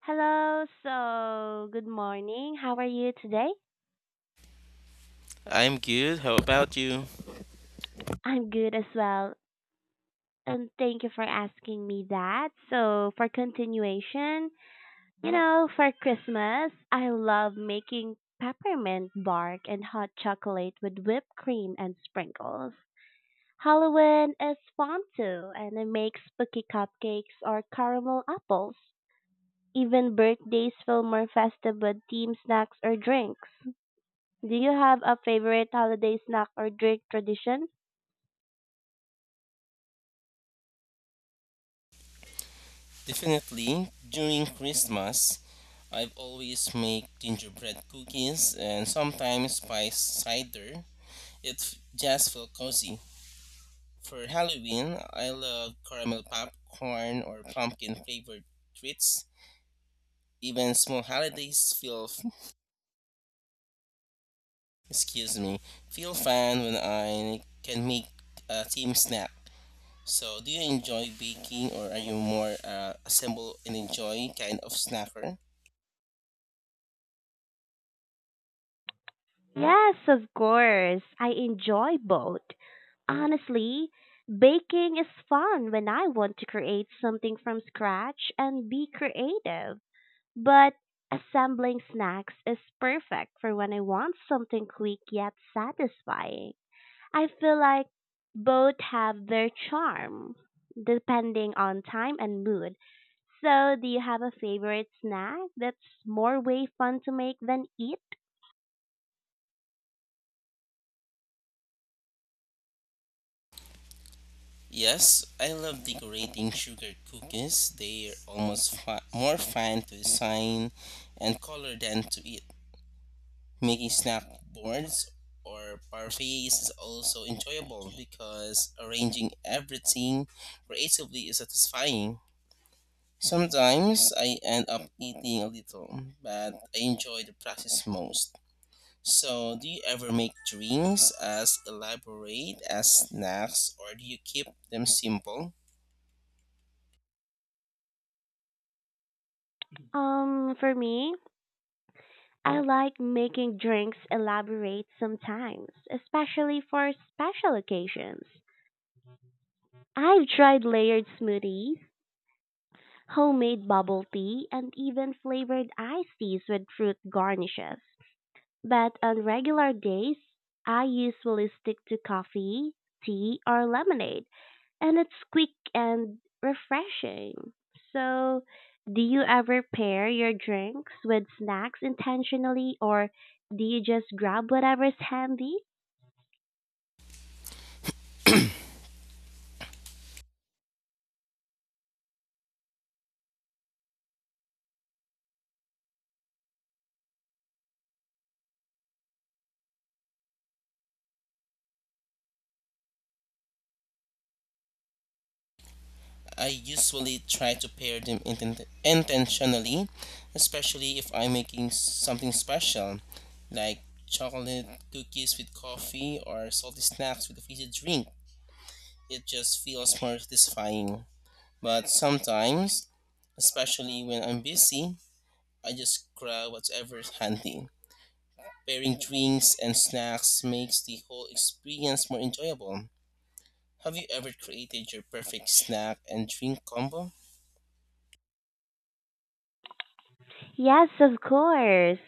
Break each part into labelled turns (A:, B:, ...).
A: Hello, so good morning. How are you today?
B: I'm good. How about you?
A: I'm good as well. And thank you for asking me that. So, for continuation, you know, for Christmas, I love making peppermint bark and hot chocolate with whipped cream and sprinkles. Halloween is fun too, and I make spooky cupcakes or caramel apples. Even birthdays feel more festive with themed snacks or drinks. Do you have a favorite holiday snack or drink tradition?
B: Definitely. During Christmas, I've always make gingerbread cookies and sometimes spice cider. It just feel cozy. For Halloween, I love caramel popcorn or pumpkin flavored treats. Even small holidays feel excuse me feel fun when I can make a team snack. So, do you enjoy baking or are you more assemble and enjoy kind of snacker?
A: Yes, of course. I enjoy both. Honestly, baking is fun when I want to create something from scratch and be creative. But assembling snacks is perfect for when I want something quick yet satisfying. I feel like both have their charm, depending on time and mood. So, do you have a favorite snack that's more way fun to make than eat?
B: Yes, I love decorating sugar cookies. They're almost more fun to design and color than to eat. Making snack boards or parfaits is also enjoyable because arranging everything creatively is satisfying. Sometimes I end up eating a little, but I enjoy the process most. So, do you ever make drinks as elaborate as snacks or do you keep them simple?
A: For me, I like making drinks elaborate sometimes, especially for special occasions. I've tried layered smoothies, homemade bubble tea, and even flavored iced teas with fruit garnishes. But on regular days, I usually stick to coffee, tea, or lemonade. And it's quick and refreshing. So, do you ever pair your drinks with snacks intentionally or do you just grab whatever's handy?
B: I usually try to pair them intentionally, especially if I'm making something special, like chocolate cookies with coffee or salty snacks with a fizzy drink. It just feels more satisfying. But sometimes, especially when I'm busy, I just grab whatever's handy. Pairing drinks and snacks makes the whole experience more enjoyable. Have you ever created your perfect snack and drink combo?
A: Yes, of course.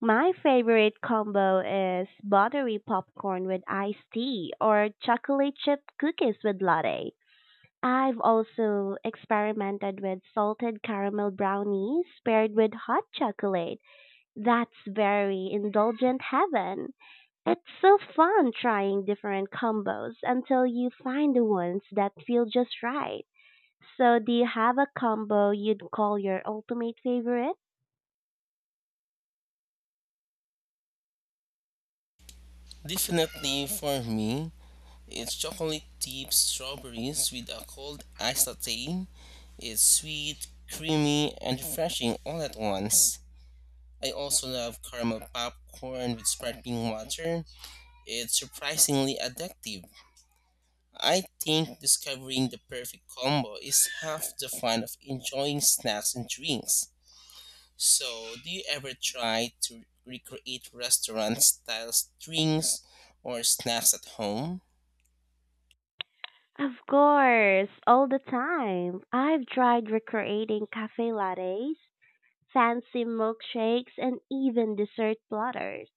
A: My favorite combo is buttery popcorn with iced tea or chocolate chip cookies with latte. I've also experimented with salted caramel brownies paired with hot chocolate. That's very indulgent heaven. It's so fun trying different combos until you find the ones that feel just right. So, do you have a combo you'd call your ultimate favorite?
B: Definitely, for me, it's chocolate dipped strawberries with a cold iced latte. It's sweet, creamy, and refreshing all at once. I also love caramel popcorn with sparkling water. It's surprisingly addictive. I think discovering the perfect combo is half the fun of enjoying snacks and drinks. So, do you ever try to recreate restaurant style drinks or snacks at home?
A: Of course, all the time. I've tried recreating cafe lattes, fancy milkshakes, and even dessert platters.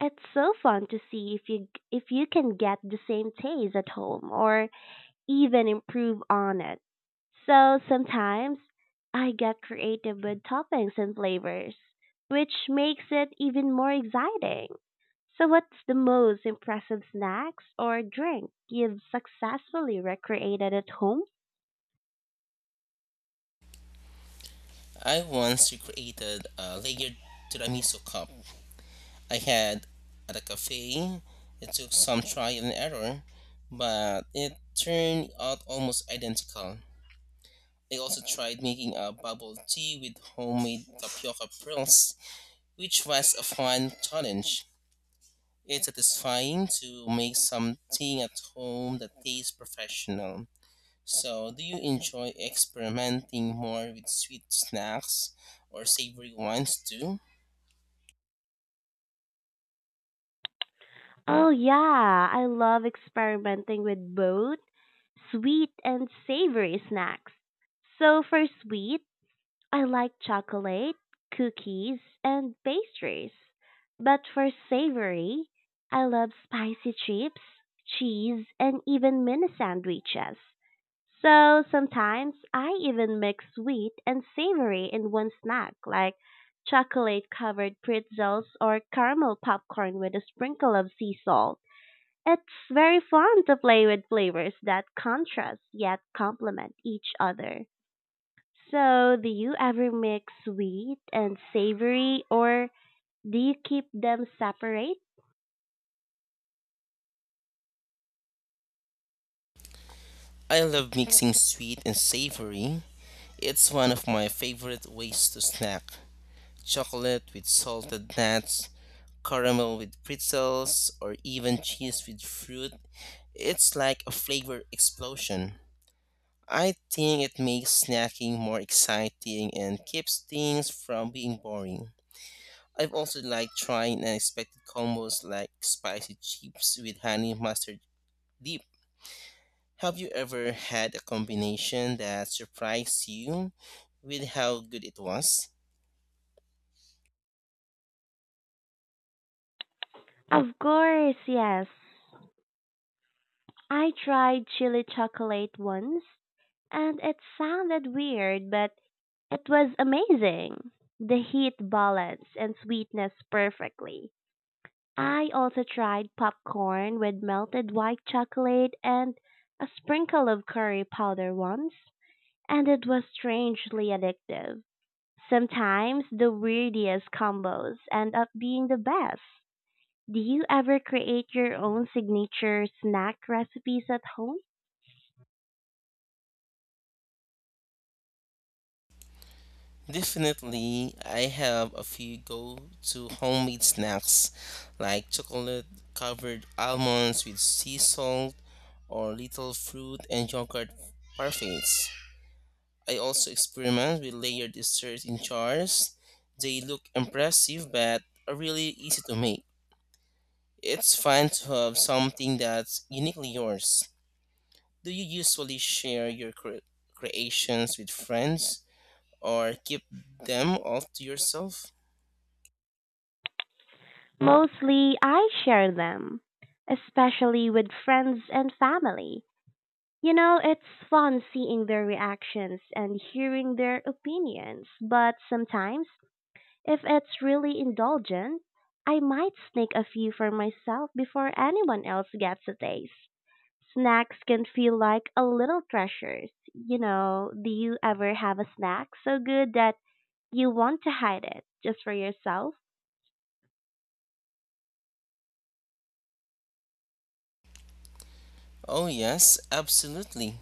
A: It's so fun to see if you can get the same taste at home or even improve on it. So sometimes I get creative with toppings and flavors, which makes it even more exciting. So, what's the most impressive snacks or drink you've successfully recreated at home?
B: I once recreated a layered tiramisu cup I had at a cafe. It took some trial and error, but it turned out almost identical. I also tried making a bubble tea with homemade tapioca pearls, which was a fun challenge. It's satisfying to make something at home that tastes professional. So, do you enjoy experimenting more with sweet snacks or savory ones too?
A: Oh, yeah, I love experimenting with both sweet and savory snacks. So, for sweet, I like chocolate, cookies, and pastries. But for savory, I love spicy chips, cheese, and even mini sandwiches. So sometimes I even mix sweet and savory in one snack, like chocolate covered pretzels or caramel popcorn with a sprinkle of sea salt. It's very fun to play with flavors that contrast yet complement each other. So, do you ever mix sweet and savory or do you keep them separate?
B: I love mixing sweet and savory. It's one of my favorite ways to snack. Chocolate with salted nuts, caramel with pretzels, or even cheese with fruit. It's like a flavor explosion. I think it makes snacking more exciting and keeps things from being boring. I've also liked trying unexpected combos like spicy chips with honey mustard dip. Have you ever had a combination that surprised you with how good it was?
A: Of course, yes. I tried chili chocolate once and it sounded weird, but it was amazing. The heat balanced and sweetness perfectly. I also tried popcorn with melted white chocolate and a sprinkle of curry powder once, and it was strangely addictive. Sometimes the weirdest combos end up being the best. Do you ever create your own signature snack recipes at home?
B: Definitely, I have a few go to homemade snacks like chocolate covered almonds with sea salt or little fruit and yogurt parfaits. I also experiment with layered desserts in jars. They look impressive but are really easy to make. It's fun to have something that's uniquely yours. Do you usually share your creations with friends or keep them all to yourself?
A: Mostly I share them, especially with friends and family. You know, it's fun seeing their reactions and hearing their opinions, but sometimes, if it's really indulgent, I might sneak a few for myself before anyone else gets a taste. Snacks can feel like a little treasures. You know, do you ever have a snack so good that you want to hide it just for yourself?
B: Oh, yes, absolutely.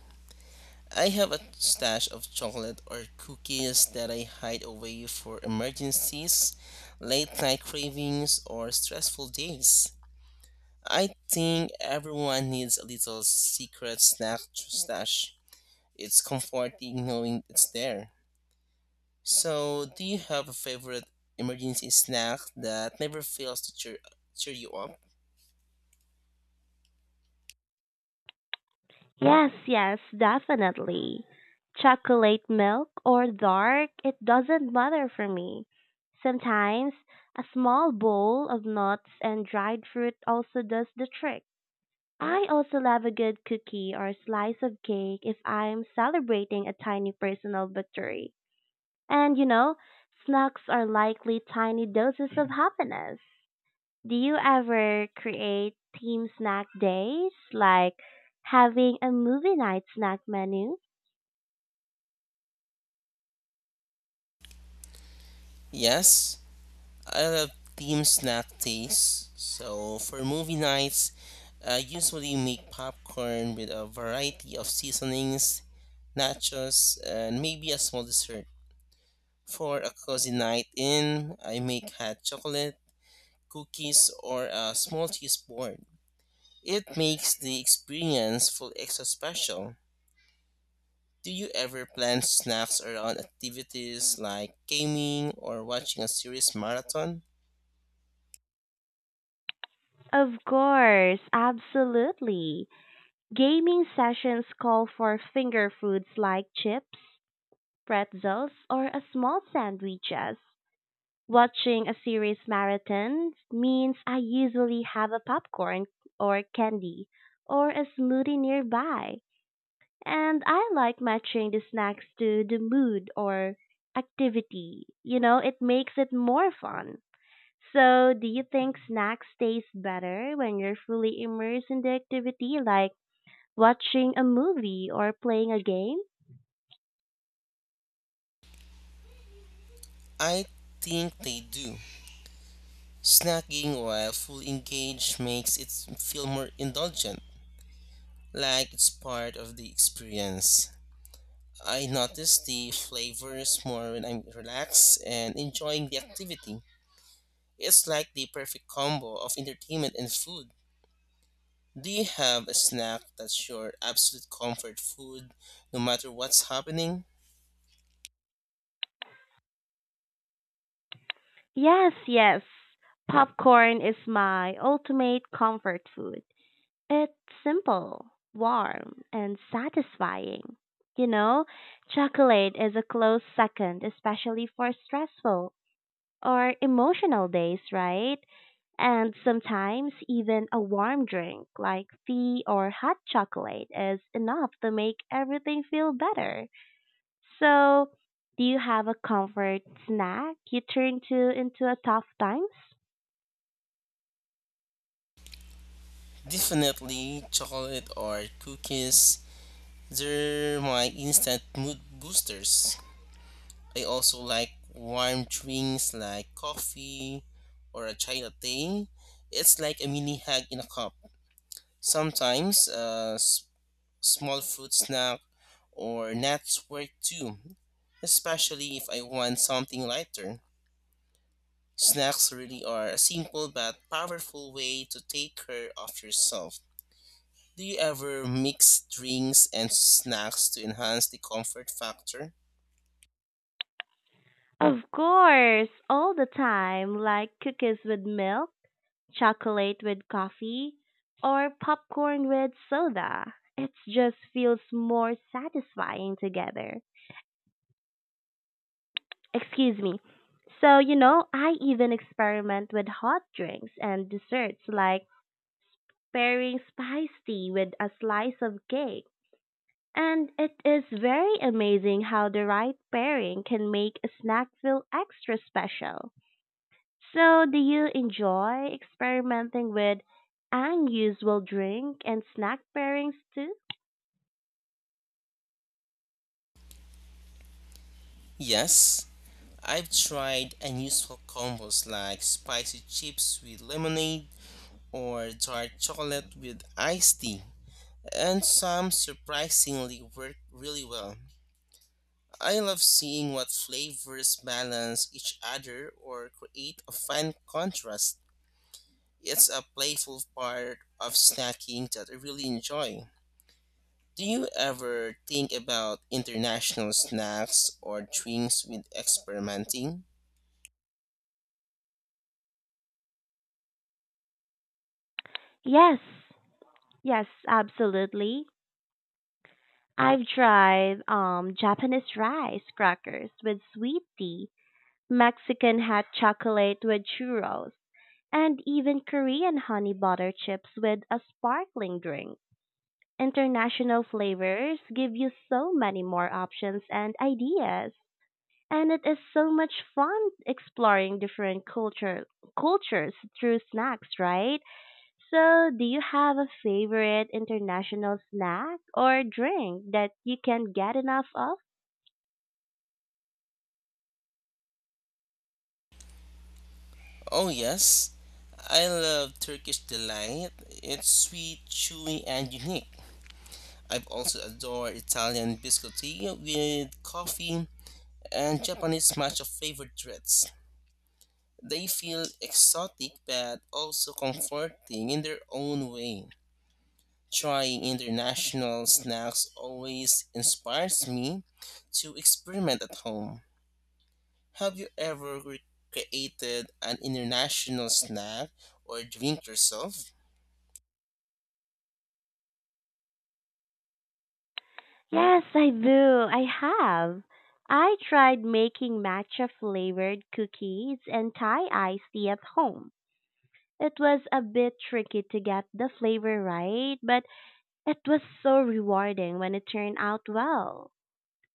B: I have a stash of chocolate or cookies that I hide away for emergencies, late night cravings, or stressful days. I think everyone needs a little secret snack to stash. It's comforting knowing it's there. So, do you have a favorite emergency snack that never fails to cheer you up?
A: Yes, yes, definitely. Chocolate milk or dark, it doesn't matter for me. Sometimes a small bowl of nuts and dried fruit also does the trick. I also love a good cookie or slice of cake if I'm celebrating a tiny personal victory. And you know, snacks are likely tiny doses of happiness. Do you ever create team snack days, like having a movie night snack menu?
B: Yes, I love team snack taste. So, for movie nights, I usually make popcorn with a variety of seasonings, nachos, and maybe a small dessert. For a cozy night in, I make hot chocolate, cookies, or a small cheese board. It makes the experience feel extra special. Do you ever plan snacks around activities like gaming or watching a series marathon?
A: Of course, absolutely. Gaming sessions call for finger foods like chips, pretzels, or a small sandwiches. Watching a series marathon means I usually have a popcorn or candy or a smoothie nearby. And I like matching the snacks to the mood or activity. You know, it makes it more fun. So, do you think snacks taste better when you're fully immersed in the activity, like watching a movie or playing a game?
B: I think they do. Snacking while fully engaged makes it feel more indulgent, like it's part of the experience. I notice the flavors more when I'm relaxed and enjoying the activity. It's like the perfect combo of entertainment and food. Do you have a snack that's your absolute comfort food no matter what's happening?
A: Yes, yes. Popcorn is my ultimate comfort food. It's simple, warm, and satisfying. You know, chocolate is a close second, especially for stressful or emotional days, right? And sometimes even a warm drink like tea or hot chocolate is enough to make everything feel better. So, do you have a comfort snack you turn to into a tough times?
B: Definitely chocolate or cookies. They're my instant mood boosters. I also like warm drinks like coffee or a chai latte. It's like a mini hug in a cup. Sometimes a small fruit snack or nuts work too, especially if I want something lighter. Snacks really are a simple but powerful way to take care of yourself. Do you ever mix drinks and snacks to enhance the comfort factor?
A: Of course, all the time, like cookies with milk, chocolate with coffee, or popcorn with soda. It just feels more satisfying together. Excuse me. So, you know, I even experiment with hot drinks and desserts like pairing spice tea with a slice of cake. And it is very amazing how the right pairing can make a snack feel extra special. So, do you enjoy experimenting with unusual drink and snack pairings too?
B: Yes, I've tried unusual combos like spicy chips with lemonade or dark chocolate with iced tea, and some surprisingly work really well. I love seeing what flavors balance each other or create a fun contrast. It's a playful part of snacking that I really enjoy. Do you ever think about international snacks or drinks with experimenting?
A: Yes, yes, absolutely. I've tried Japanese rice crackers with sweet tea, Mexican hot chocolate with churros, and even Korean honey butter chips with a sparkling drink. International flavors give you so many more options and ideas, and it is so much fun exploring different cultures through snacks, right? So, do you have a favorite international snack or drink that you can get enough of?
B: Oh, yes. I love Turkish delight. It's sweet, chewy, and unique. I've also adored Italian biscotti with coffee and Japanese matcha flavored treats. They feel exotic but also comforting in their own way. Trying international snacks always inspires me to experiment at home. Have you ever created an international snack or drink yourself?
A: Yes, I do. I have. I tried making matcha flavored cookies and Thai iced tea at home. It was a bit tricky to get the flavor right, but it was so rewarding when it turned out well.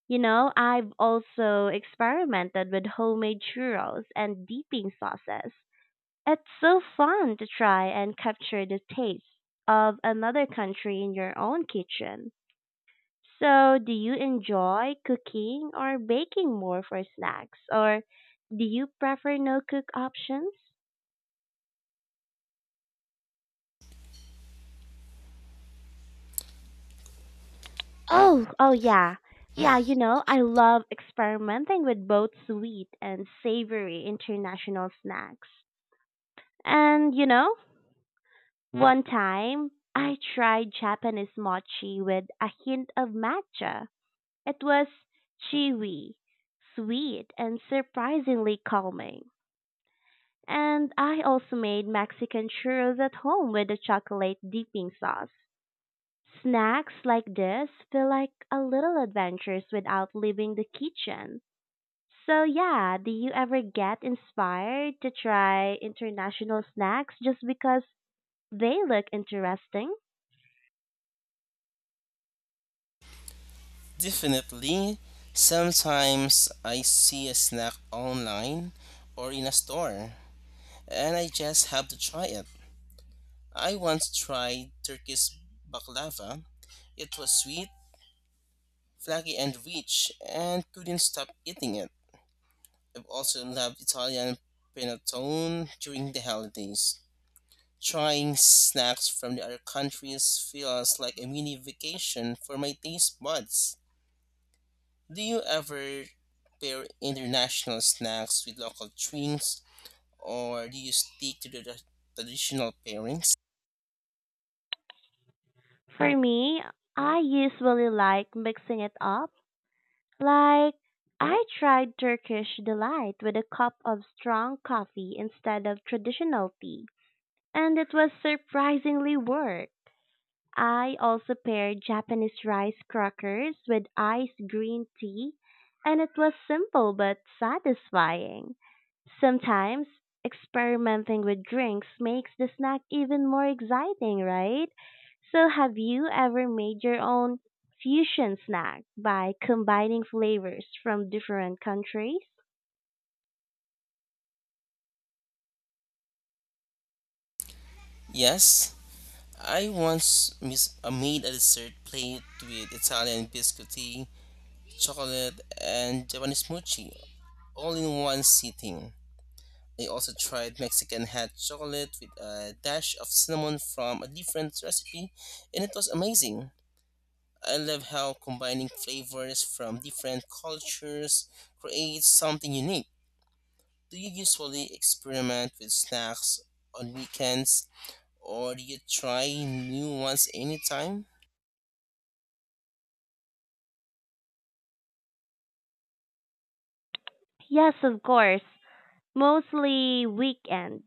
A: You know, I've also experimented with homemade churros and dipping sauces. It's so fun to try and capture the taste of another country in your own kitchen. So, do you enjoy cooking or baking more for snacks, or do you prefer no cook options?
B: Oh,
A: Oh
B: yeah,
A: yeah.
B: yeah,
A: Yeah, you know,
B: yeah.
A: I love experimenting with both sweet and savory international snacks. And, you know, one time I tried Japanese mochi with a hint of matcha. It was chewy, sweet, and surprisingly calming. And I also made Mexican churros at home with a chocolate dipping sauce. Snacks like this feel like a little adventures without leaving the kitchen. So yeah, do you ever get inspired to try international snacks just because they look interesting?
B: Definitely. Sometimes I see a snack online or in a store, and I just have to try it. I once tried Turkish baklava. It was sweet, flaky, and rich, and couldn't stop eating it. I've also loved Italian panettone during the holidays. Trying snacks from the other countries feels like a mini vacation for my taste buds. Do you ever pair international snacks with local drinks or do you stick to the traditional pairings?
A: For me, I usually like mixing it up. Like I tried Turkish delight with a cup of strong coffee instead of traditional tea. And it was surprisingly work. I also paired Japanese rice crackers with iced green tea, and it was simple but satisfying. Sometimes experimenting with drinks makes the snack even more exciting, right? So, have you ever made your own fusion snack by combining flavors from different countries?
B: Yes, I once made a dessert plate with Italian biscotti, chocolate, and Japanese mochi all in one sitting. I also tried Mexican hot chocolate with a dash of cinnamon from a different recipe, and it was amazing. I love how combining flavors from different cultures creates something unique. Do you usually experiment with snacks on weekends, or do you try new ones anytime?
A: Yes, of course. Mostly weekend,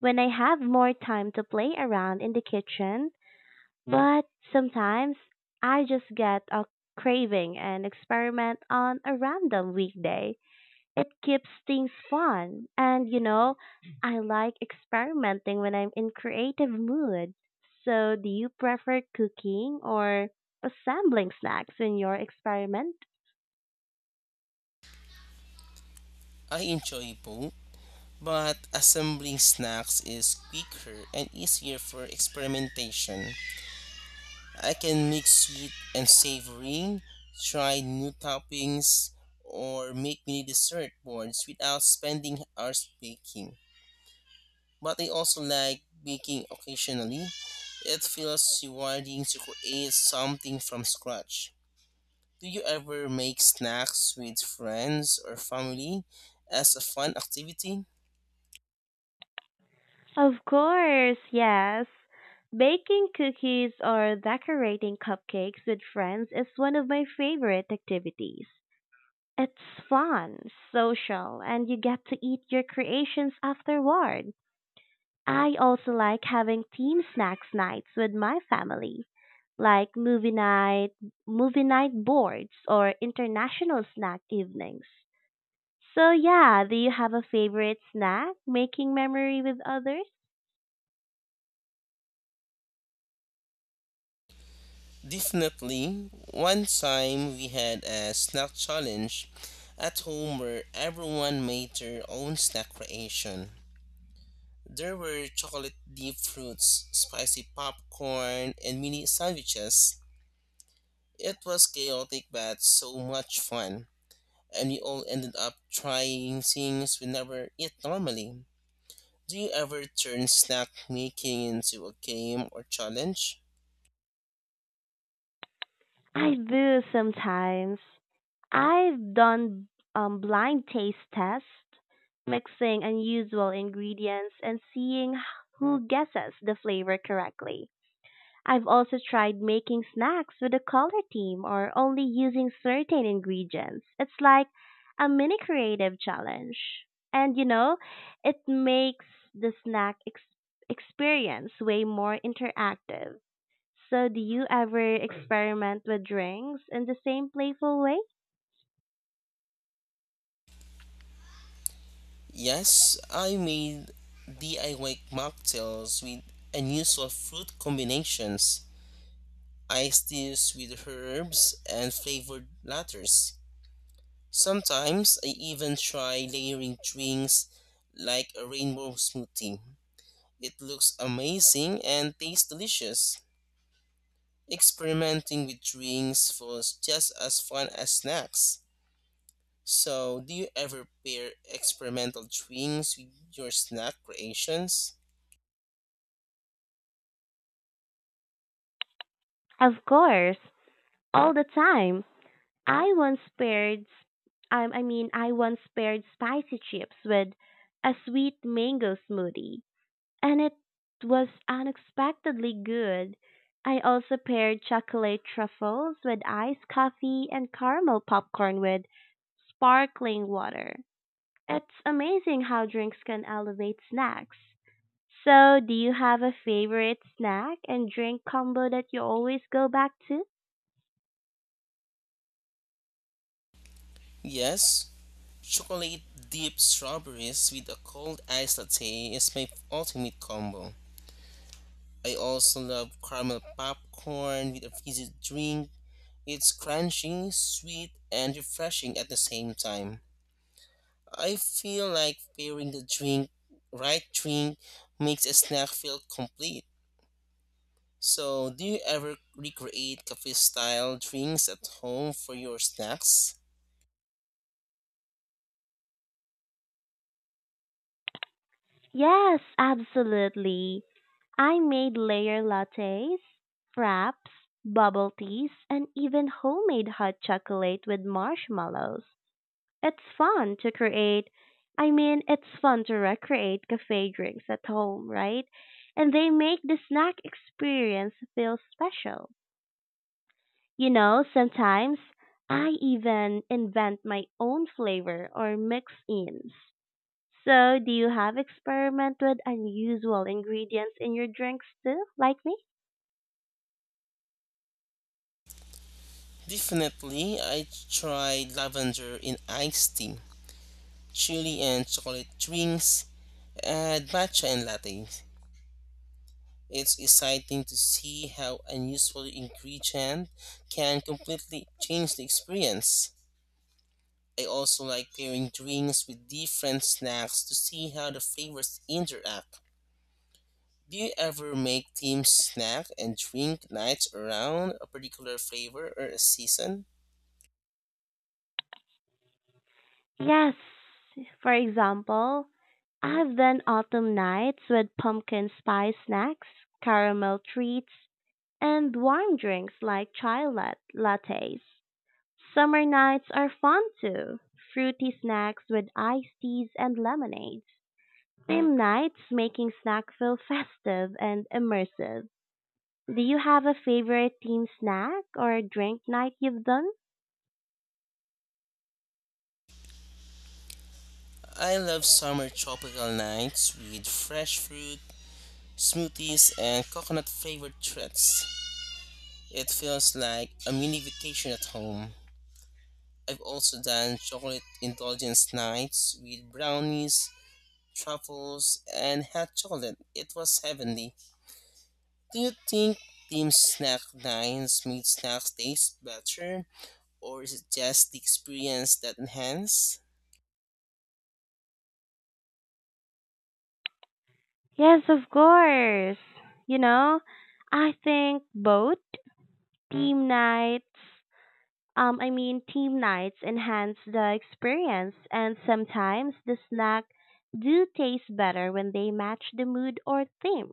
A: when I have more time to play around in the kitchen, but sometimes I just get a craving and experiment on a random weekday. It keeps things fun. And you know, I like experimenting when I'm in creative mood. So, do you prefer cooking or assembling snacks when you're experimenting?
B: I enjoy both, but assembling snacks is quicker and easier for experimentation. I can mix sweet and savory, try new toppings, or make mini dessert boards without spending hours baking. But I also like baking occasionally. It feels rewarding to create something from scratch. Do you ever make snacks with friends or family as a fun activity?
A: Of course, yes. Baking cookies or decorating cupcakes with friends is one of my favorite activities. It's fun, social, and you get to eat your creations afterward. I also like having team snacks nights with my family, like movie night boards, or international snack evenings. So yeah, do you have a favorite snack making memory with others?
B: Definitely. One time we had a snack challenge at home where everyone made their own snack creation. There were chocolate deep fruits, spicy popcorn, and mini sandwiches. It was chaotic but so much fun, and we all ended up trying things we never eat normally. Do you ever turn snack making into a game or challenge?
A: I do sometimes. I've done blind taste tests, mixing unusual ingredients and seeing who guesses the flavor correctly. I've also tried making snacks with a color theme or only using certain ingredients. It's like a mini creative challenge. And you know, it makes the experience way more interactive. So, do you ever experiment with drinks in the same playful way?
B: Yes, I made DIY mocktails with unusual fruit combinations, iced teas with herbs, and flavored lattes. Sometimes I even try layering drinks like a rainbow smoothie. It looks amazing and tastes delicious. Experimenting with drinks was just as fun as snacks. So, do you ever pair experimental drinks with your snack creations?
A: Of course, all the time. I once paired, I once paired spicy chips with a sweet mango smoothie, and it was unexpectedly good. I also paired chocolate truffles with iced coffee and caramel popcorn with sparkling water. It's amazing how drinks can elevate snacks. So, do you have a favorite snack and drink combo that you always go back to?
B: Yes, chocolate dipped strawberries with a cold iced latte is my ultimate combo. I also love caramel popcorn with a fizzy drink. It's crunchy, sweet, and refreshing at the same time. I feel like pairing the right drink, makes a snack feel complete. So, do you ever recreate cafe style drinks at home for your snacks?
A: Yes, absolutely. I made layer lattes, fraps, bubble teas, and even homemade hot chocolate with marshmallows. It's fun to create. It's fun to recreate cafe drinks at home, right? And they make the snack experience feel special. You know, sometimes I even invent my own flavor or mix ins. So, do you have experiment with unusual ingredients in your drinks too, like me?
B: Definitely, I tried lavender in iced tea, chili and chocolate drinks, and matcha and lattes. It's exciting to see how unusual ingredient can completely change the experience. I also like pairing drinks with different snacks to see how the flavors interact. Do you ever make team snack and drink nights around a particular flavor or a season?
A: Yes. For example, I've done autumn nights with pumpkin spice snacks, caramel treats, and warm drinks like lattes. Summer nights are fun too. Fruity snacks with iced teas and lemonade. Theme nights making snack feel festive and immersive. Do you have a favorite team snack or drink night you've done?
B: I love summer tropical nights with fresh fruit, smoothies, and coconut flavored treats. It feels like a mini vacation at home. I've also done chocolate indulgence nights with brownies, truffles, and hot chocolate. It was heavenly. Do you think team snack nights made snacks taste better, or is it just the experience that enhance?
A: Yes, of course. You know, I think both team nights, team nights enhance the experience, and sometimes the snack do taste better when they match the mood or theme.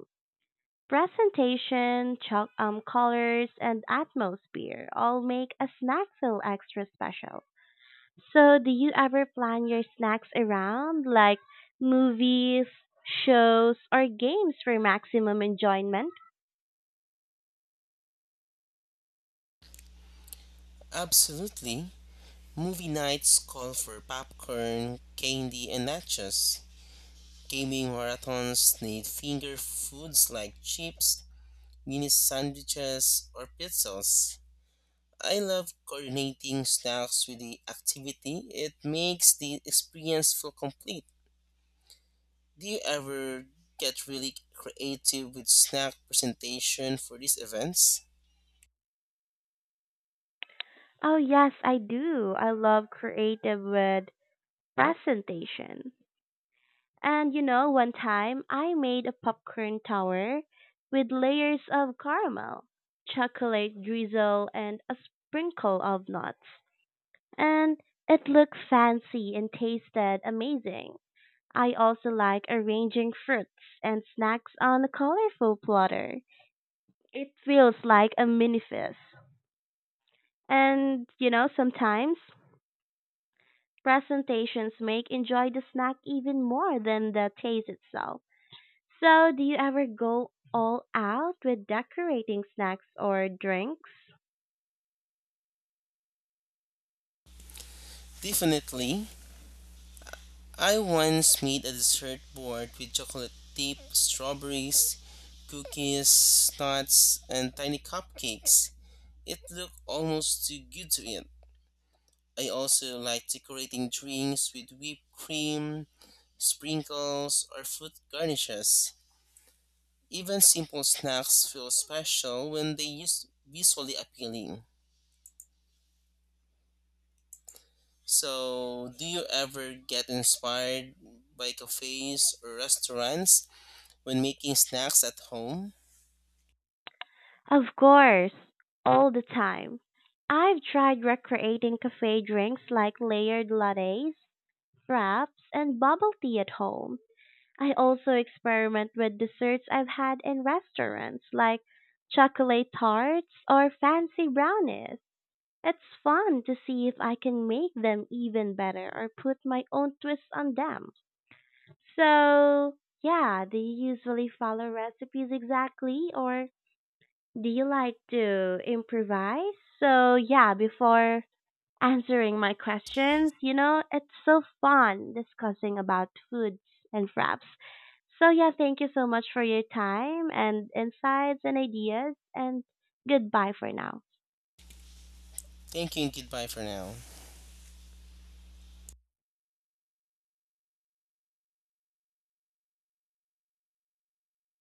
A: Presentation, colors, and atmosphere all make a snack feel extra special. So, do you ever plan your snacks around like movies, shows, or games for maximum enjoyment?
B: Absolutely. Movie nights call for popcorn, candy, and nachos. Gaming marathons need finger foods like chips, mini sandwiches, or pretzels. I love coordinating snacks with the activity. It makes the experience feel complete. Do you ever get really creative with snack presentation for these events?
A: Oh, yes, I do. I love creative with presentation. And you know, one time I made a popcorn tower with layers of caramel, chocolate drizzle, and a sprinkle of nuts. And it looked fancy and tasted amazing. I also like arranging fruits and snacks on a colorful platter. It feels like a mini feast. And you know, sometimes presentations make enjoy the snack even more than the taste itself. So, do you ever go all out with decorating snacks or drinks?
B: Definitely. I once made a dessert board with chocolate chip, strawberries, cookies, nuts, and tiny cupcakes. It looked almost too good to eat. I also like decorating drinks with whipped cream, sprinkles, or fruit garnishes. Even simple snacks feel special when they use visually appealing. So, do you ever get inspired by cafes or restaurants when making snacks at home?
A: Of course, all the time. I've tried recreating cafe drinks like layered lattes, fraps, and bubble tea at home. I also experiment with desserts I've had in restaurants like chocolate tarts or fancy brownies. It's fun to see if I can make them even better or put my own twist on them. So, yeah, do you usually follow recipes exactly or do you like to improvise? So, yeah, before answering my questions, you know, it's so fun discussing about foods and fraps. So, yeah, thank you so much for your time and insights and ideas, and goodbye for now.
B: Thank you and goodbye for now.